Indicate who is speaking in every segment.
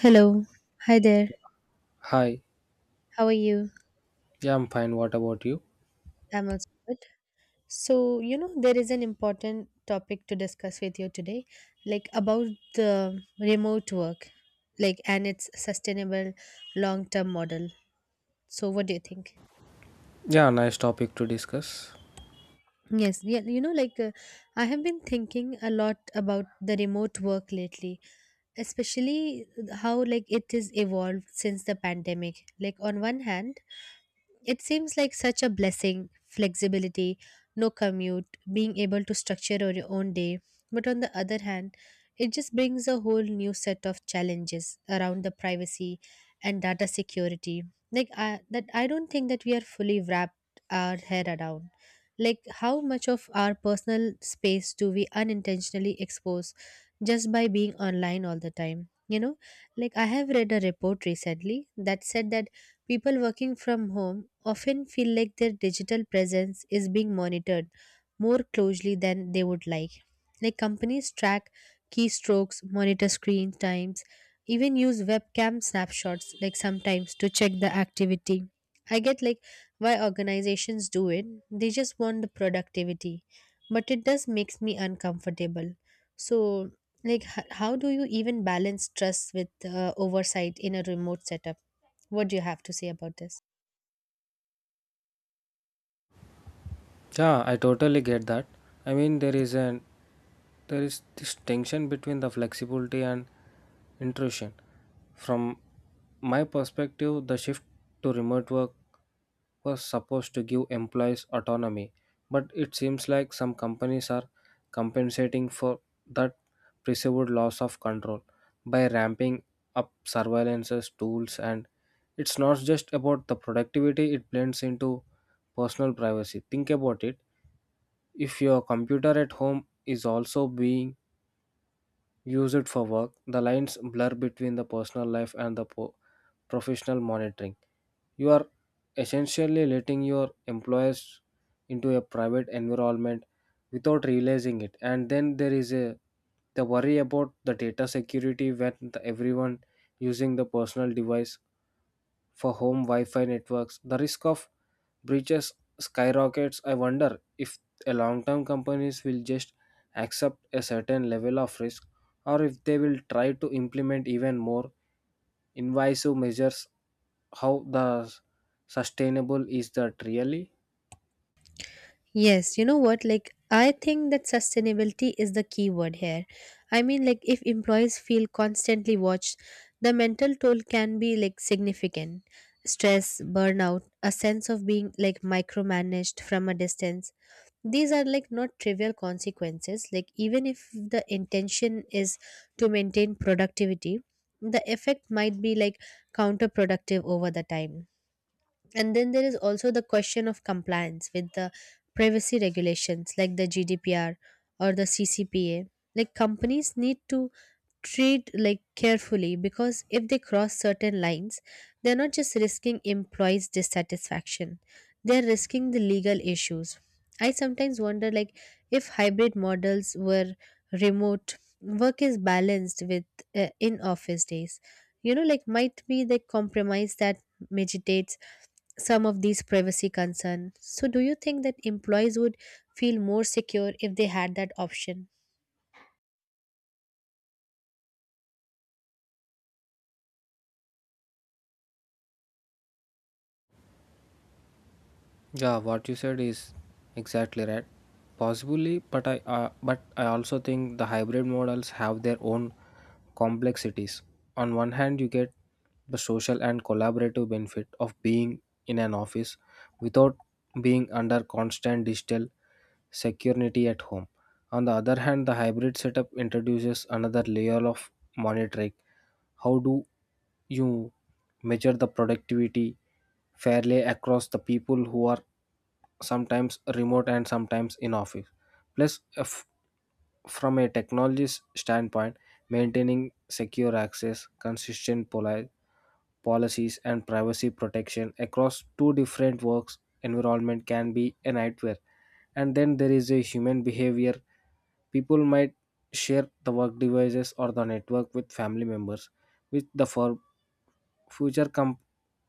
Speaker 1: Hello. Hi there.
Speaker 2: Hi,
Speaker 1: How are you?
Speaker 2: yeah, I'm fine. What about you?
Speaker 1: I'm also good. So, there is an important topic to discuss with you today, like about the remote work, like and its sustainable long-term model. So, what do you think?
Speaker 2: Yeah, nice topic to discuss.
Speaker 1: Yes, yeah, you know, like, I have been thinking a lot about the remote work lately, especially how like it is evolved since the pandemic. Like on one hand, it seems like such a blessing flexibility, no commute, being able to structure your own day. But on the other hand, it just brings a whole new set of challenges around the privacy and data security. Like, I don't think that we are fully wrapped our head around. Like how much of our personal space do we unintentionally expose just by being online all the time? You know, like I have read a report recently that said that people working from home often feel like their digital presence is being monitored more closely than they would like. Like companies track keystrokes, monitor screen times, even use webcam snapshots like sometimes to check the activity. I get like why organizations do it. They just want the productivity, but it does makes me uncomfortable. So like how do you even balance trust with oversight in a remote setup? What do you have to say about this?
Speaker 2: Yeah, I totally get that. I mean, there is an there is this tension between the flexibility and intrusion. From my perspective, the shift to remote work was supposed to give employees autonomy, but it seems like some companies are compensating for that perceived loss of control by ramping up surveillances tools, and it's not just about the productivity, it blends into personal privacy. Think about it, if your computer at home is also being used for work, the lines blur between the personal life and the professional monitoring. You are essentially letting your employees into a private environment without realizing it. And then there is a the worry about the data security when everyone using the personal device for home Wi-Fi networks. The risk of breaches skyrockets. I wonder if a long-term companies will just accept a certain level of risk, or if they will try to implement even more invasive measures. How the sustainable is that really?
Speaker 1: Yes, you know what? Like, I think that sustainability is the key word here. I mean, like, if employees feel constantly watched, the mental toll can be like significant. Stress, burnout, a sense of being like micromanaged from a distance. These are like not trivial consequences. Like, even if the intention is to maintain productivity, the effect might be like counterproductive over the time. And then there is also the question of compliance with the privacy regulations like the GDPR or the CCPA. Like companies need to treat like carefully because if they cross certain lines, they're not just risking employees' dissatisfaction, they're risking the legal issues. I sometimes wonder like if hybrid models were remote, work is balanced with in office days. You know, like might be the compromise that mediates some of these privacy concerns. So, do you think that employees would feel more secure if they had that option?
Speaker 2: Yeah, what you said is exactly right. Possibly, but I also think the hybrid models have their own complexities. On one hand, you get the social and collaborative benefit of being in an office without being under constant digital security at home. On the other hand, the hybrid setup introduces another layer of monitoring. How do you measure the productivity fairly across the people who are sometimes remote and sometimes in office? Plus, from a technologist standpoint, maintaining secure access, consistent policies, and privacy protection across two different works environment can be a nightmare. And then there is a human behavior. People might share the work devices or the network with family members, with the fir- future com-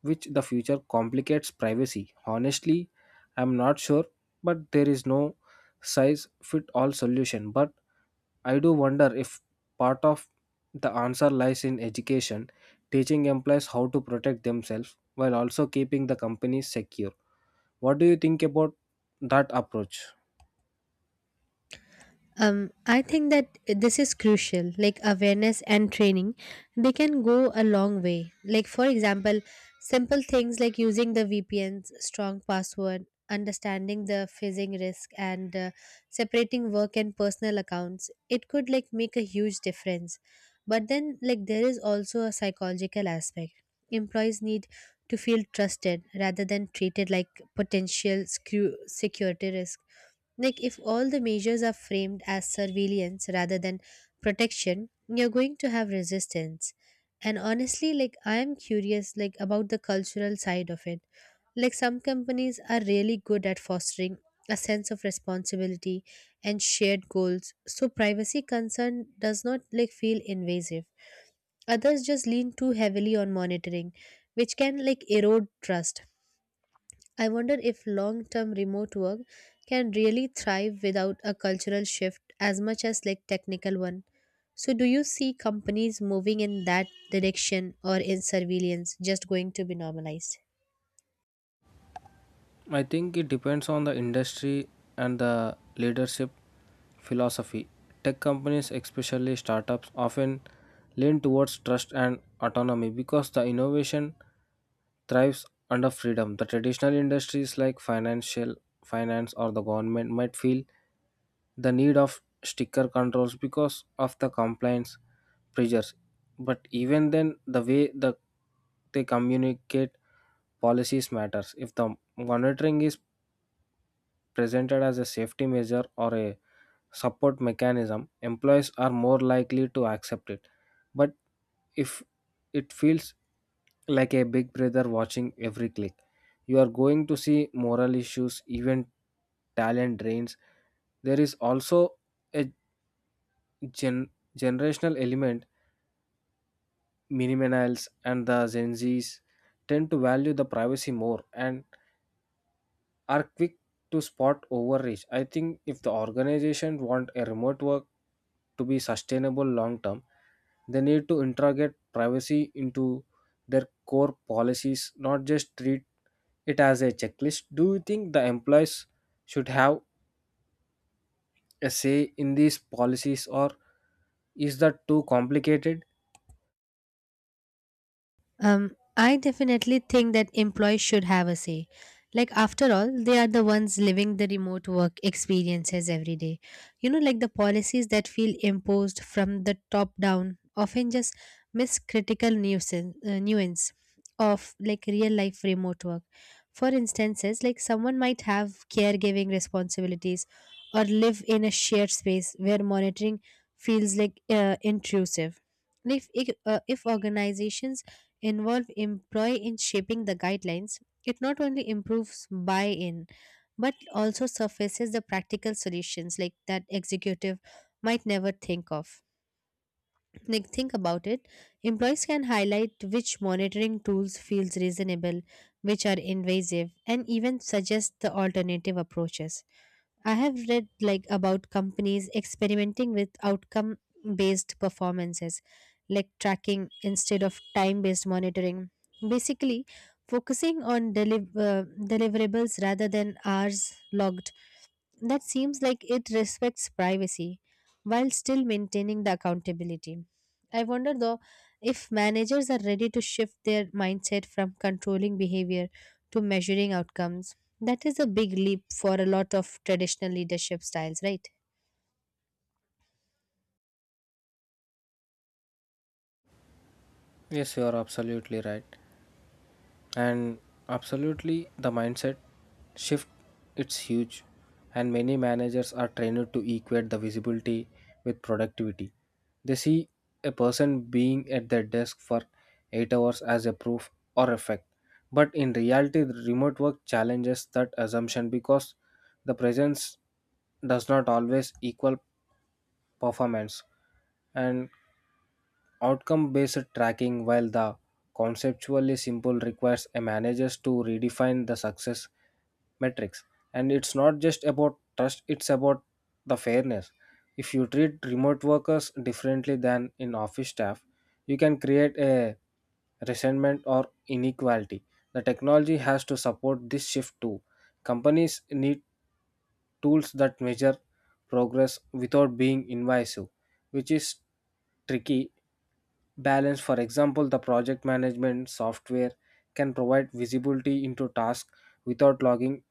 Speaker 2: which the future complicates privacy. Honestly, I'm not sure, but there is no size fit all solution. But I do wonder if part of the answer lies in education, teaching employees how to protect themselves while also keeping the companies secure. What do you think about that approach?
Speaker 1: I think that this is crucial. Like awareness and training, they can go a long way. Like for example, simple things like using the VPN's strong password, understanding the phishing risk, and separating work and personal accounts. It could like make a huge difference. But then, like there is also a psychological aspect. Employees need to feel trusted rather than treated like potential screw security risk like, if all the measures are framed as surveillance rather than protection, you're going to have resistance. And honestly, like, I am curious, like, about the cultural side of it. Like, some companies are really good at fostering a sense of responsibility and shared goals, so privacy concern does not, like, feel invasive. Others just lean too heavily on monitoring, which can, like, erode trust. I wonder if long term remote work can really thrive without a cultural shift as much as like technical one. So do you see companies moving in that direction or is surveillance just going to be normalized?
Speaker 2: I think it depends on the industry and the leadership philosophy. Tech companies, especially startups, often lean towards trust and autonomy because the innovation thrives under freedom. The traditional industries like financial finance or the government might feel the need of sticker controls because of the compliance pressures. But even then, the way the they communicate policies matters. If the monitoring is presented as a safety measure or a support mechanism, employees are more likely to accept it. But if it feels like a big brother watching every click, you are going to see moral issues, even talent drains. There is also a gen- generational element. Millennials and the Gen Zs tend to value the privacy more and are quick to spot overreach. I think if the organization want a remote work to be sustainable long term, they need to integrate privacy into their core policies, not just treat it as a checklist. Do you think the employees should have a say in these policies, or is that too complicated?
Speaker 1: I definitely think that employees should have a say. Like, after all, they are the ones living the remote work experiences every day. You know, like the policies that feel imposed from the top down often just miss critical nuance of like real life remote work. For instances, like someone might have caregiving responsibilities or live in a shared space where monitoring feels like intrusive. If organizations involve employee in shaping the guidelines, it not only improves buy-in but also surfaces the practical solutions like that executive might never think of. Like think about it, employees can highlight which monitoring tools feels reasonable, which are invasive, and even suggest the alternative approaches. I have read like about companies experimenting with outcome based performances like tracking instead of time based monitoring basically focusing on deliverables rather than hours logged. That seems like it respects privacy while still maintaining the accountability. I wonder though if managers are ready to shift their mindset from controlling behavior to measuring outcomes. That is a big leap for a lot of traditional leadership styles, right?
Speaker 2: Yes, you are absolutely right. and absolutely the mindset shift, it's huge, and many managers are trained to equate the visibility with productivity. They see a person being at their desk for 8 hours as a proof or effect, but in reality the remote work challenges that assumption because the presence does not always equal performance. And outcome based tracking, while the conceptually simple, requires a manager to redefine the success metrics. And it's not just about trust, it's about the fairness. If you treat remote workers differently than in office staff, you can create a resentment or inequality. The technology has to support this shift too. Companies need tools that measure progress without being invasive, which is tricky balance. For example, the project management software can provide visibility into tasks without logging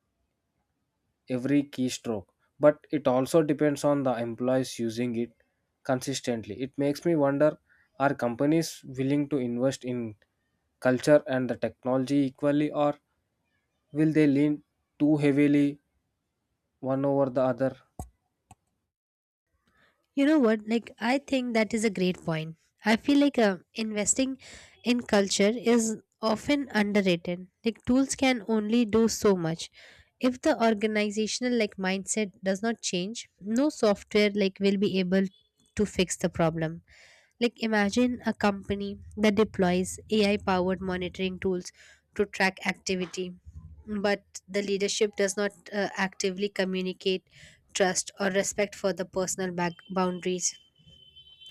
Speaker 2: every keystroke, but it also depends on the employees using it consistently. It makes me wonder, are companies willing to invest in culture and the technology equally, or will they lean too heavily one over the other?
Speaker 1: You know what? Like, I think that is a great point. I feel like investing in culture is often underrated. Like, tools can only do so much. If the organizational like mindset does not change, no software like will be able to fix the problem. Like imagine a company that deploys AI powered monitoring tools to track activity, but the leadership does not actively communicate trust or respect for the personal back boundaries,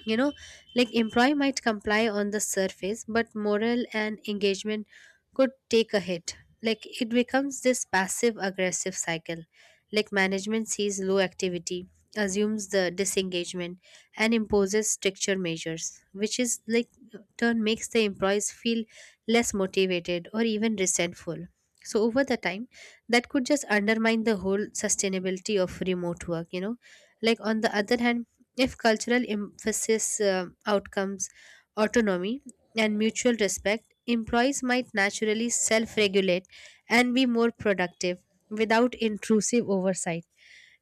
Speaker 1: you know, like employee might comply on the surface but morale and engagement could take a hit. Like it becomes this passive aggressive cycle, like management sees low activity, assumes the disengagement and imposes stricter measures, which is like turn makes the employees feel less motivated or even resentful. So over the time that could just undermine the whole sustainability of remote work, you know. Like on the other hand, if cultural emphasis outcomes, autonomy and mutual respect, employees might naturally self regulate and be more productive without intrusive oversight.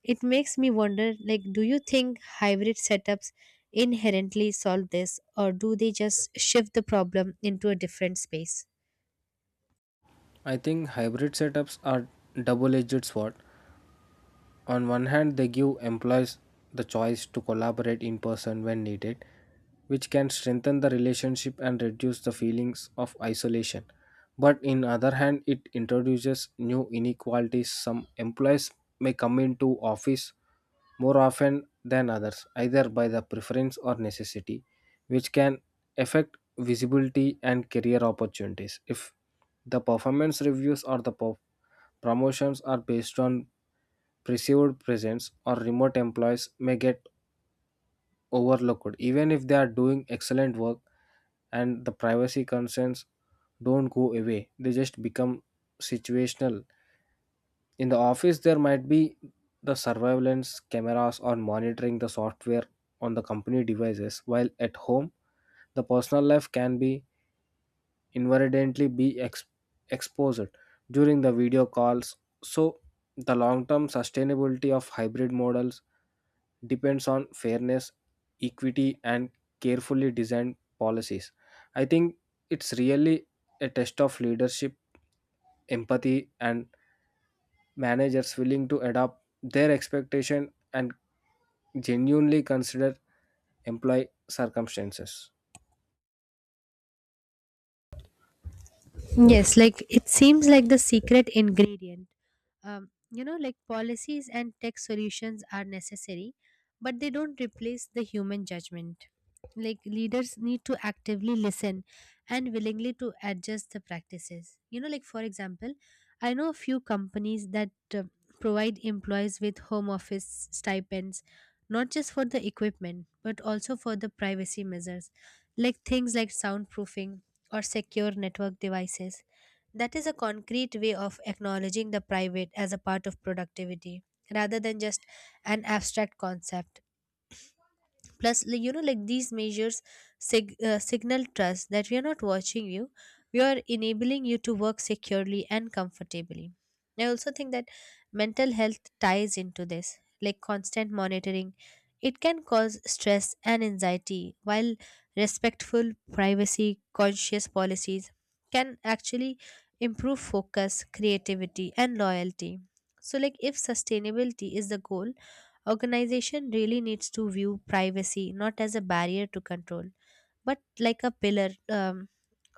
Speaker 1: It makes me wonder like, do you think hybrid setups inherently solve this, or do they just shift the problem into a different space?
Speaker 2: I think hybrid setups are double edged sword. On one hand, they give employees the choice to collaborate in person when needed, which can strengthen the relationship and reduce the feelings of isolation. But in other hand, it introduces new inequalities. Some employees may come into office more often than others, either by the preference or necessity, which can affect visibility and career opportunities. If the performance reviews or the promotions are based on perceived presence, or remote employees may get overlooked even if they are doing excellent work. And the privacy concerns don't go away, they just become situational. In the office there might be the surveillance cameras or monitoring the software on the company devices, while at home the personal life can be inadvertently exposed during the video calls. So, the long term sustainability of hybrid models depends on fairness, equity, and carefully designed policies. I think it's really a test of leadership, empathy, and managers willing to adapt their expectation and genuinely consider employee circumstances.
Speaker 1: Yes, like it seems like the secret ingredient. You know like policies and tech solutions are necessary but they don't replace the human judgment. Like leaders need to actively listen and willingly to adjust the practices, you know, like for example I know a few companies that uh, provide employees with home office stipends not just for the equipment but also for the privacy measures, like things like soundproofing or secure network devices. That is a concrete way of acknowledging the private as a part of productivity rather than just an abstract concept. Plus like, you know like these measures signal trust that we are not watching you, we are enabling you to work securely and comfortably. I also think that mental health ties into this. Like constant monitoring, it can cause stress and anxiety, while respectful privacy conscious policies can actually improve focus creativity and loyalty. So like if sustainability is the goal, organization really needs to view privacy not as a barrier to control, but like a pillar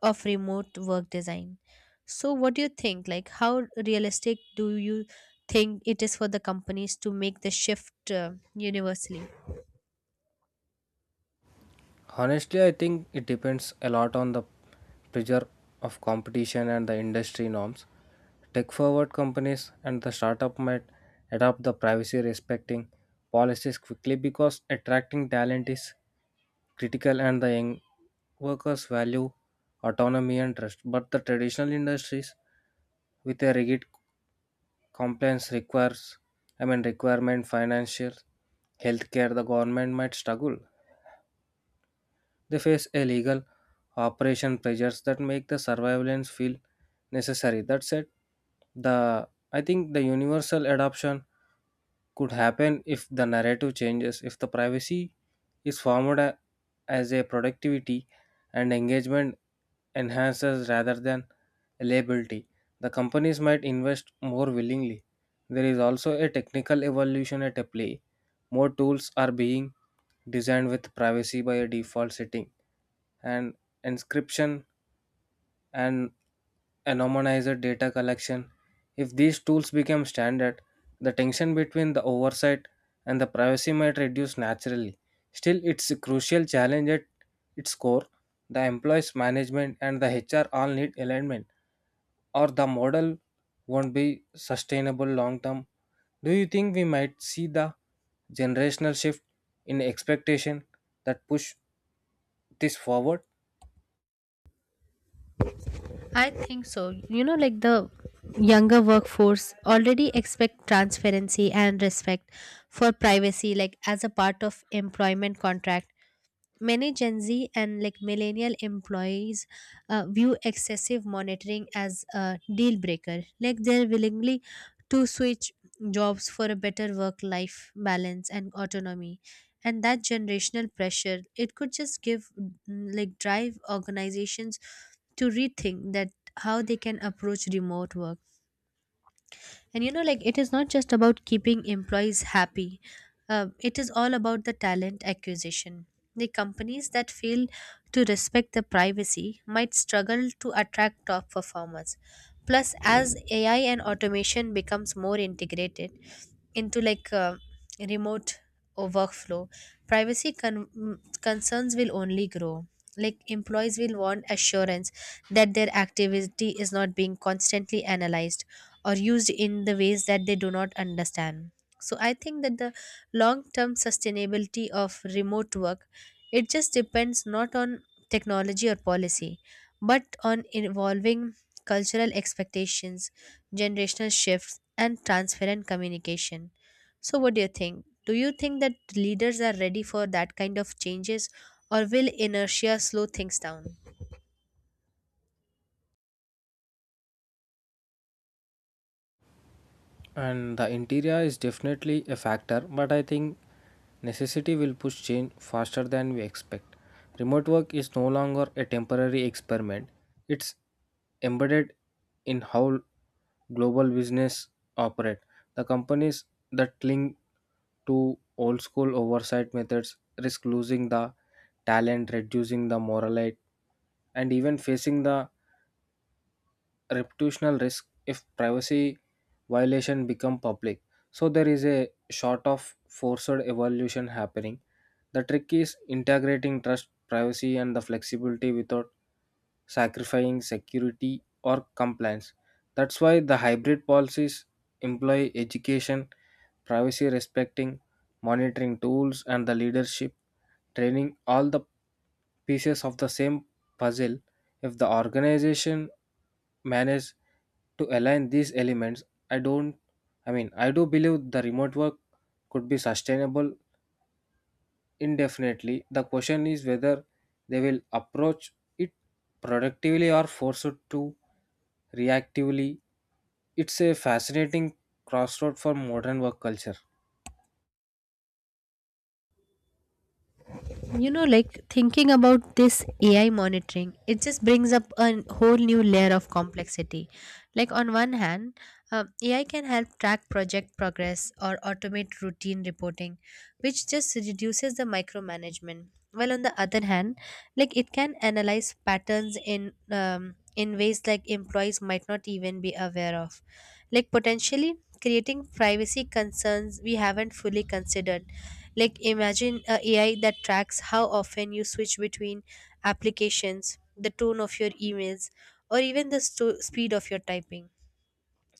Speaker 1: of remote work design. So, what do you think? Like, how realistic do you think it is for the companies to make the shift universally?
Speaker 2: Honestly, I think it depends a lot on the pressure of competition and the industry norms. Tech forward companies and the startup might adopt the privacy respecting policies quickly because attracting talent is critical and the young workers value autonomy and trust. But the traditional industries with a rigid compliance requires I mean requirement, financial, healthcare, the government, might struggle. They face illegal operation pressures that make the surveillance feel necessary. That said, the I think the universal adoption could happen if the narrative changes, if the privacy is formed as a productivity and engagement enhances rather than a liability, the companies might invest more willingly. There is also a technical evolution at a play. More tools are being designed with privacy by a default setting, and inscription, and anonymized data collection. If these tools become standard, the tension between the oversight and the privacy might reduce naturally. Still, it's a crucial challenge at its core. The employees' management and the HR all need alignment, or the model won't be sustainable long term. Do you think we might see the generational shift in expectation that push this forward?
Speaker 1: I think so. You know, like the younger workforce already expect transparency and respect for privacy, like as a part of employment contract. Many Gen Z and like millennial employees view excessive monitoring as a deal breaker. Like they're willingly to switch jobs for a better work life balance and autonomy. And that generational pressure, it could just give like drive organizations to rethink that how they can approach remote work. And you know, like it is not just about keeping employees happy, it is all about the talent acquisition. The companies that fail to respect the privacy might struggle to attract top performers. Plus, as AI and automation becomes more integrated into like remote or workflow, privacy concerns will only grow. Like employees will want assurance that their activity is not being constantly analyzed or used in the ways that they do not understand. So I think that the long term sustainability of remote work, it just depends not on technology or policy but on evolving cultural expectations, generational shifts and transparent communication. So what do you think? Do you think that leaders are ready for that kind of changes or will inertia slow things down?
Speaker 2: And the interior is definitely a factor, but I think necessity will push change faster than we expect. Remote work is no longer a temporary experiment, it's embedded in how global business operate. The companies that cling to old school oversight methods risk losing the talent, reducing the morale, and even facing the reputational risk if privacy violation become public. So there is a sort of forced evolution happening. The trick is integrating trust, privacy, and the flexibility without sacrificing security or compliance. That's why the hybrid policies, employ education, privacy respecting monitoring tools, and the leadership training, all the pieces of the same puzzle. If the organization manage to align these elements, I don't I mean I do believe the remote work could be sustainable indefinitely. The question is whether they will approach it productively or forced to reactively. It's a fascinating crossroad for modern work culture.
Speaker 1: You know like thinking about this AI monitoring, it just brings up a whole new layer of complexity. Like on one hand, AI can help track project progress or automate routine reporting, which just reduces the micromanagement, while on the other hand like it can analyze patterns in ways like employees might not even be aware of, like potentially creating privacy concerns we haven't fully considered. Like imagine a AI that tracks how often you switch between applications, the tone of your emails, or even the speed of your typing.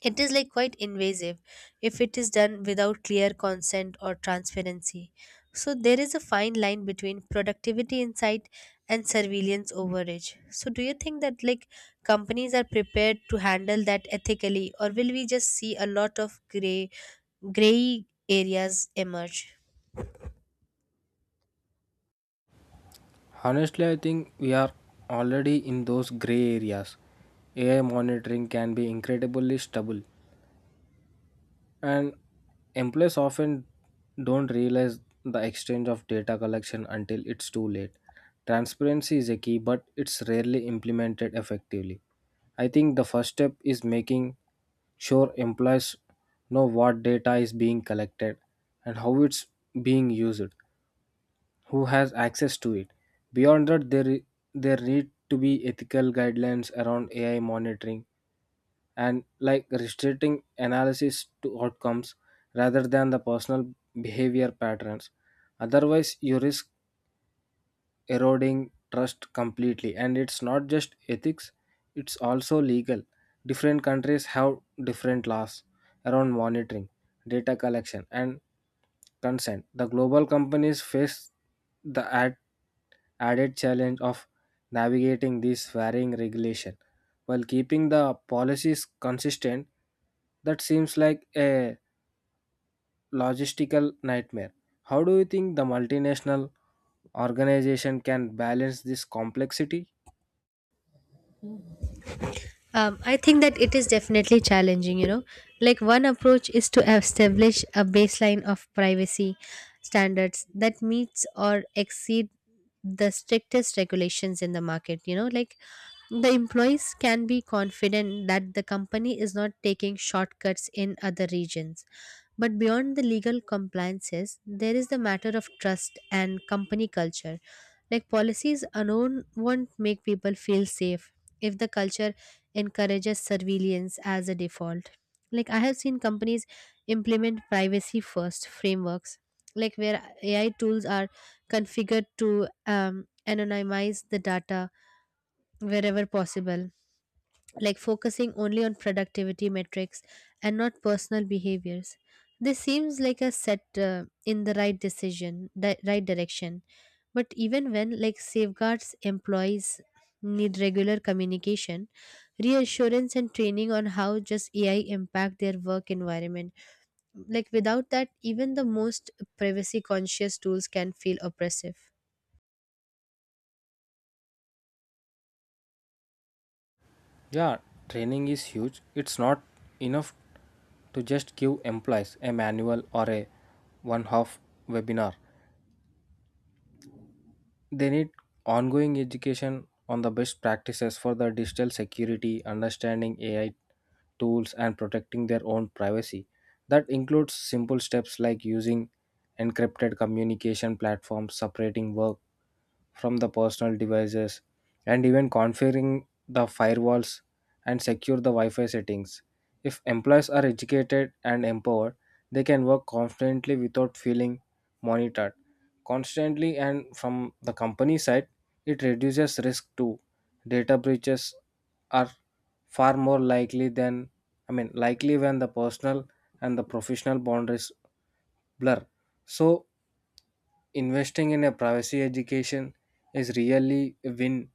Speaker 1: It is like quite invasive if it is done without clear consent or transparency. So there is a fine line between productivity insight and surveillance overreach. So do you think that like companies are prepared to handle that ethically or will we just see a lot of gray areas emerge?
Speaker 2: Honestly, I think we are already in those gray areas. AI monitoring can be incredibly stable, and employees often don't realize the exchange of data collection until it's too late. Transparency is a key, but it's rarely implemented effectively. I think the first step is making sure employees know what data is being collected, and how it's being used, who has access to it. Beyond that, there need to be ethical guidelines around AI monitoring, and like restricting analysis to outcomes rather than the personal behavior patterns. Otherwise, you risk eroding trust completely. And it's not just ethics, it's also legal. Different countries have different laws around monitoring, data collection, and consent. The global companies face the ad added challenge of navigating these varying regulation while keeping the policies consistent. That seems like a logistical nightmare. How do you think the multinational organization can balance this complexity?
Speaker 1: I think that it is definitely challenging, you know. Like, one approach is to establish a baseline of privacy standards that meets or exceed the strictest regulations in the market, you know. Like, the employees can be confident that the company is not taking shortcuts in other regions. But beyond the legal compliances, there is the matter of trust and company culture. Like policies alone won't make people feel safe if the culture encourages surveillance as a default. Like I have seen companies implement privacy first frameworks, like where AI tools are configured to anonymize the data wherever possible, like focusing only on productivity metrics and not personal behaviors. This seems like a set in the right decision, right direction. But even when like safeguards employees need regular communication, reassurance and training on how just AI impact their work environment. Like without that, even the most privacy conscious tools can feel oppressive.
Speaker 2: Yeah, training is huge. It's not enough to just give employees a manual or a one half webinar. They need ongoing education on the best practices for the digital security, understanding AI tools, and protecting their own privacy. That includes simple steps like using encrypted communication platforms, separating work from the personal devices, and even configuring the firewalls and secure the Wi-Fi settings. If employees are educated and empowered, they can work confidently without feeling monitored constantly. And from the company side, it reduces risk too. Data breaches are far more likely than I mean likely when the personal and the professional boundaries blur. So investing in a privacy education is really a win.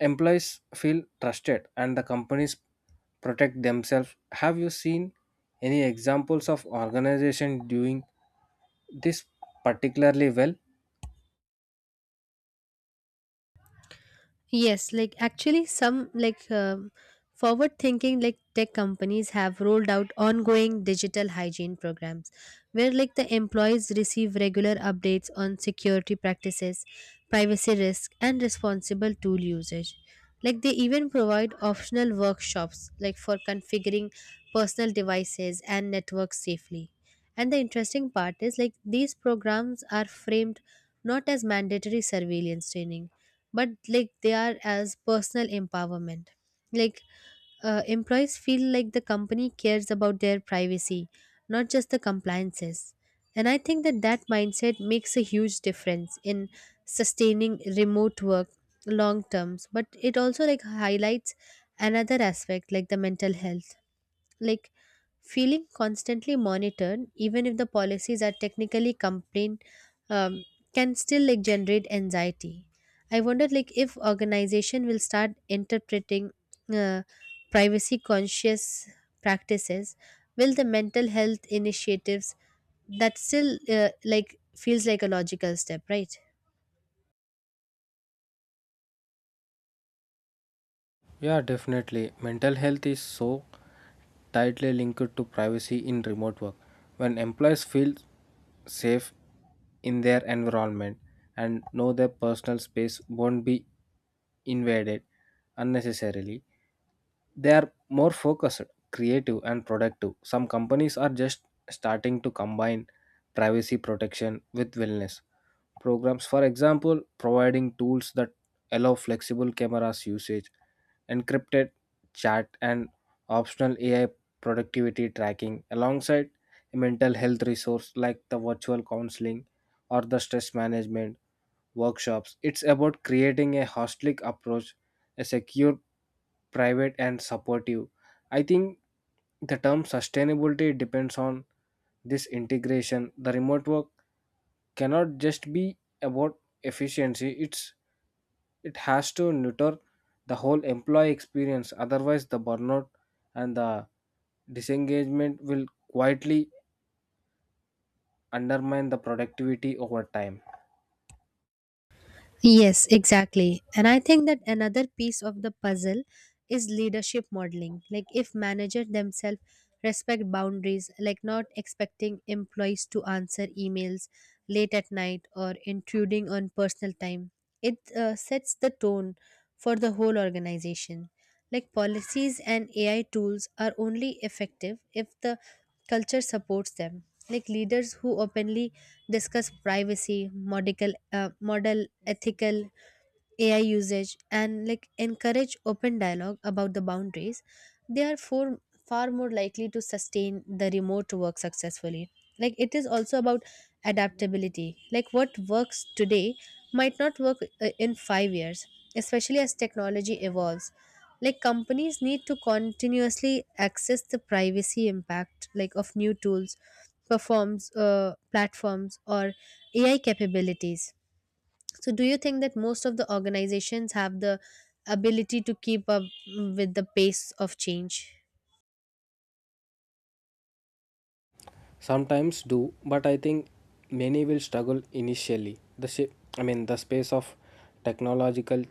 Speaker 2: Employees feel trusted and the companies protect themselves. Have you seen any examples of organization doing this particularly well?
Speaker 1: Yes, like actually, some like forward thinking like tech companies have rolled out ongoing digital hygiene programs where like the employees receive regular updates on security practices, privacy risk, and responsible tool usage. Like they even provide optional workshops like for configuring personal devices and networks safely. And the interesting part is like these programs are framed not as mandatory surveillance training but like they are as personal empowerment like employees feel like the company cares about their privacy, not just the compliances. And I think that mindset makes a huge difference in sustaining remote work long terms, but it also like highlights another aspect like the mental health, like feeling constantly monitored even if the policies are technically complain um, can still like generate anxiety. I wonder like if organization will start interpreting uh, privacy conscious practices, will the mental health initiatives that still like feels like a logical step, right?
Speaker 2: Yeah, definitely. Mental health is so tightly linked to privacy in remote work. When employees feel safe in their environment and know their personal space won't be invaded unnecessarily, they are more focused, creative, and productive. Some companies are just starting to combine privacy protection with wellness programs. For example, providing tools that allow flexible cameras usage, encrypted chat, and optional AI productivity tracking alongside a mental health resource like the virtual counseling or the stress management workshops. It's about creating a holistic approach, a secure, private, and supportive. I think the term sustainability depends on this integration. The remote work cannot just be about efficiency, it has to nurture the whole employee experience, otherwise, the burnout and the disengagement will quietly undermine the productivity over time.
Speaker 1: Yes, exactly. And I think that another piece of the puzzle is leadership modeling. Like if managers themselves respect boundaries, like not expecting employees to answer emails late at night or intruding on personal time, it sets the tone for the whole organization. Like policies and AI tools are only effective if the culture supports them. Like leaders who openly discuss privacy, model, model ethical AI usage and like encourage open dialogue about the boundaries, they are for, far more likely to sustain the remote work successfully. Like it is also about adaptability. Like what works today might not work in 5 years, especially as technology evolves. Like companies need to continuously access the privacy impact like of new tools, performs, platforms, or AI capabilities. So, do you think that most of the organizations have the ability to keep up with the pace of change?
Speaker 2: Sometimes do, but I think many will struggle initially. The shi I mean, The space of technological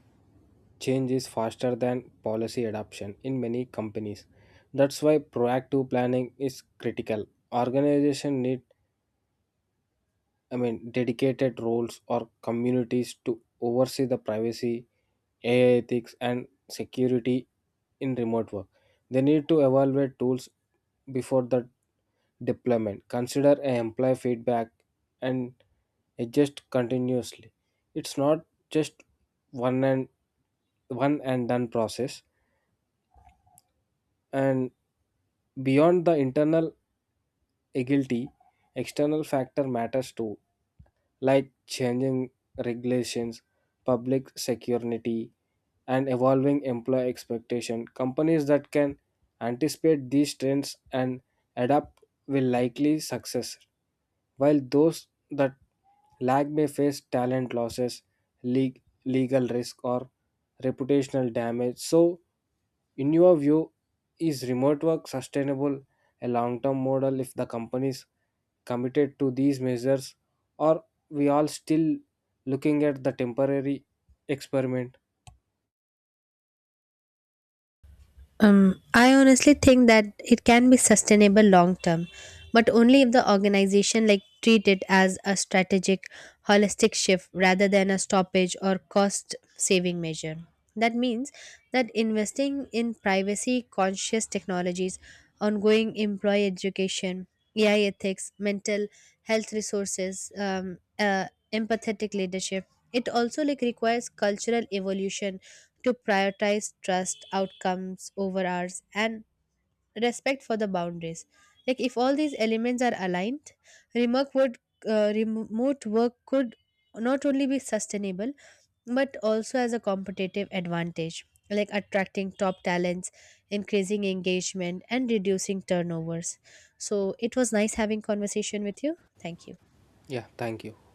Speaker 2: change is faster than policy adoption in many companies. That's why proactive planning is critical. Organization need dedicated roles or communities to oversee the privacy, AI ethics, and security in remote work. They need to evaluate tools before the deployment, consider a employee feedback, and adjust continuously. It's not just one and one and done process. And beyond the internal agility, external factor matters too. Like changing regulations, public security, and evolving employee expectation. Companies that can anticipate these trends and adapt will likely success, while those that lag may face talent losses, le- legal risk, or reputational damage. So, in your view, is remote work sustainable a long term model if the companies committed to these measures, or we all still looking at the temporary experiment?
Speaker 1: I honestly think that it can be sustainable long term, but only if the organization like treat it as a strategic, holistic shift rather than a stoppage or cost saving measure. That means that investing in privacy conscious technologies, ongoing employee education, AI ethics, mental health resources, empathetic leadership. It also like requires cultural evolution to prioritize trust, outcomes over hours, and respect for the boundaries. Like if all these elements are aligned, remote would remote work could not only be sustainable but also as a competitive advantage, like attracting top talents, increasing engagement, and reducing turnovers. So it was nice having conversation with you. Thank you.
Speaker 2: Yeah, thank you.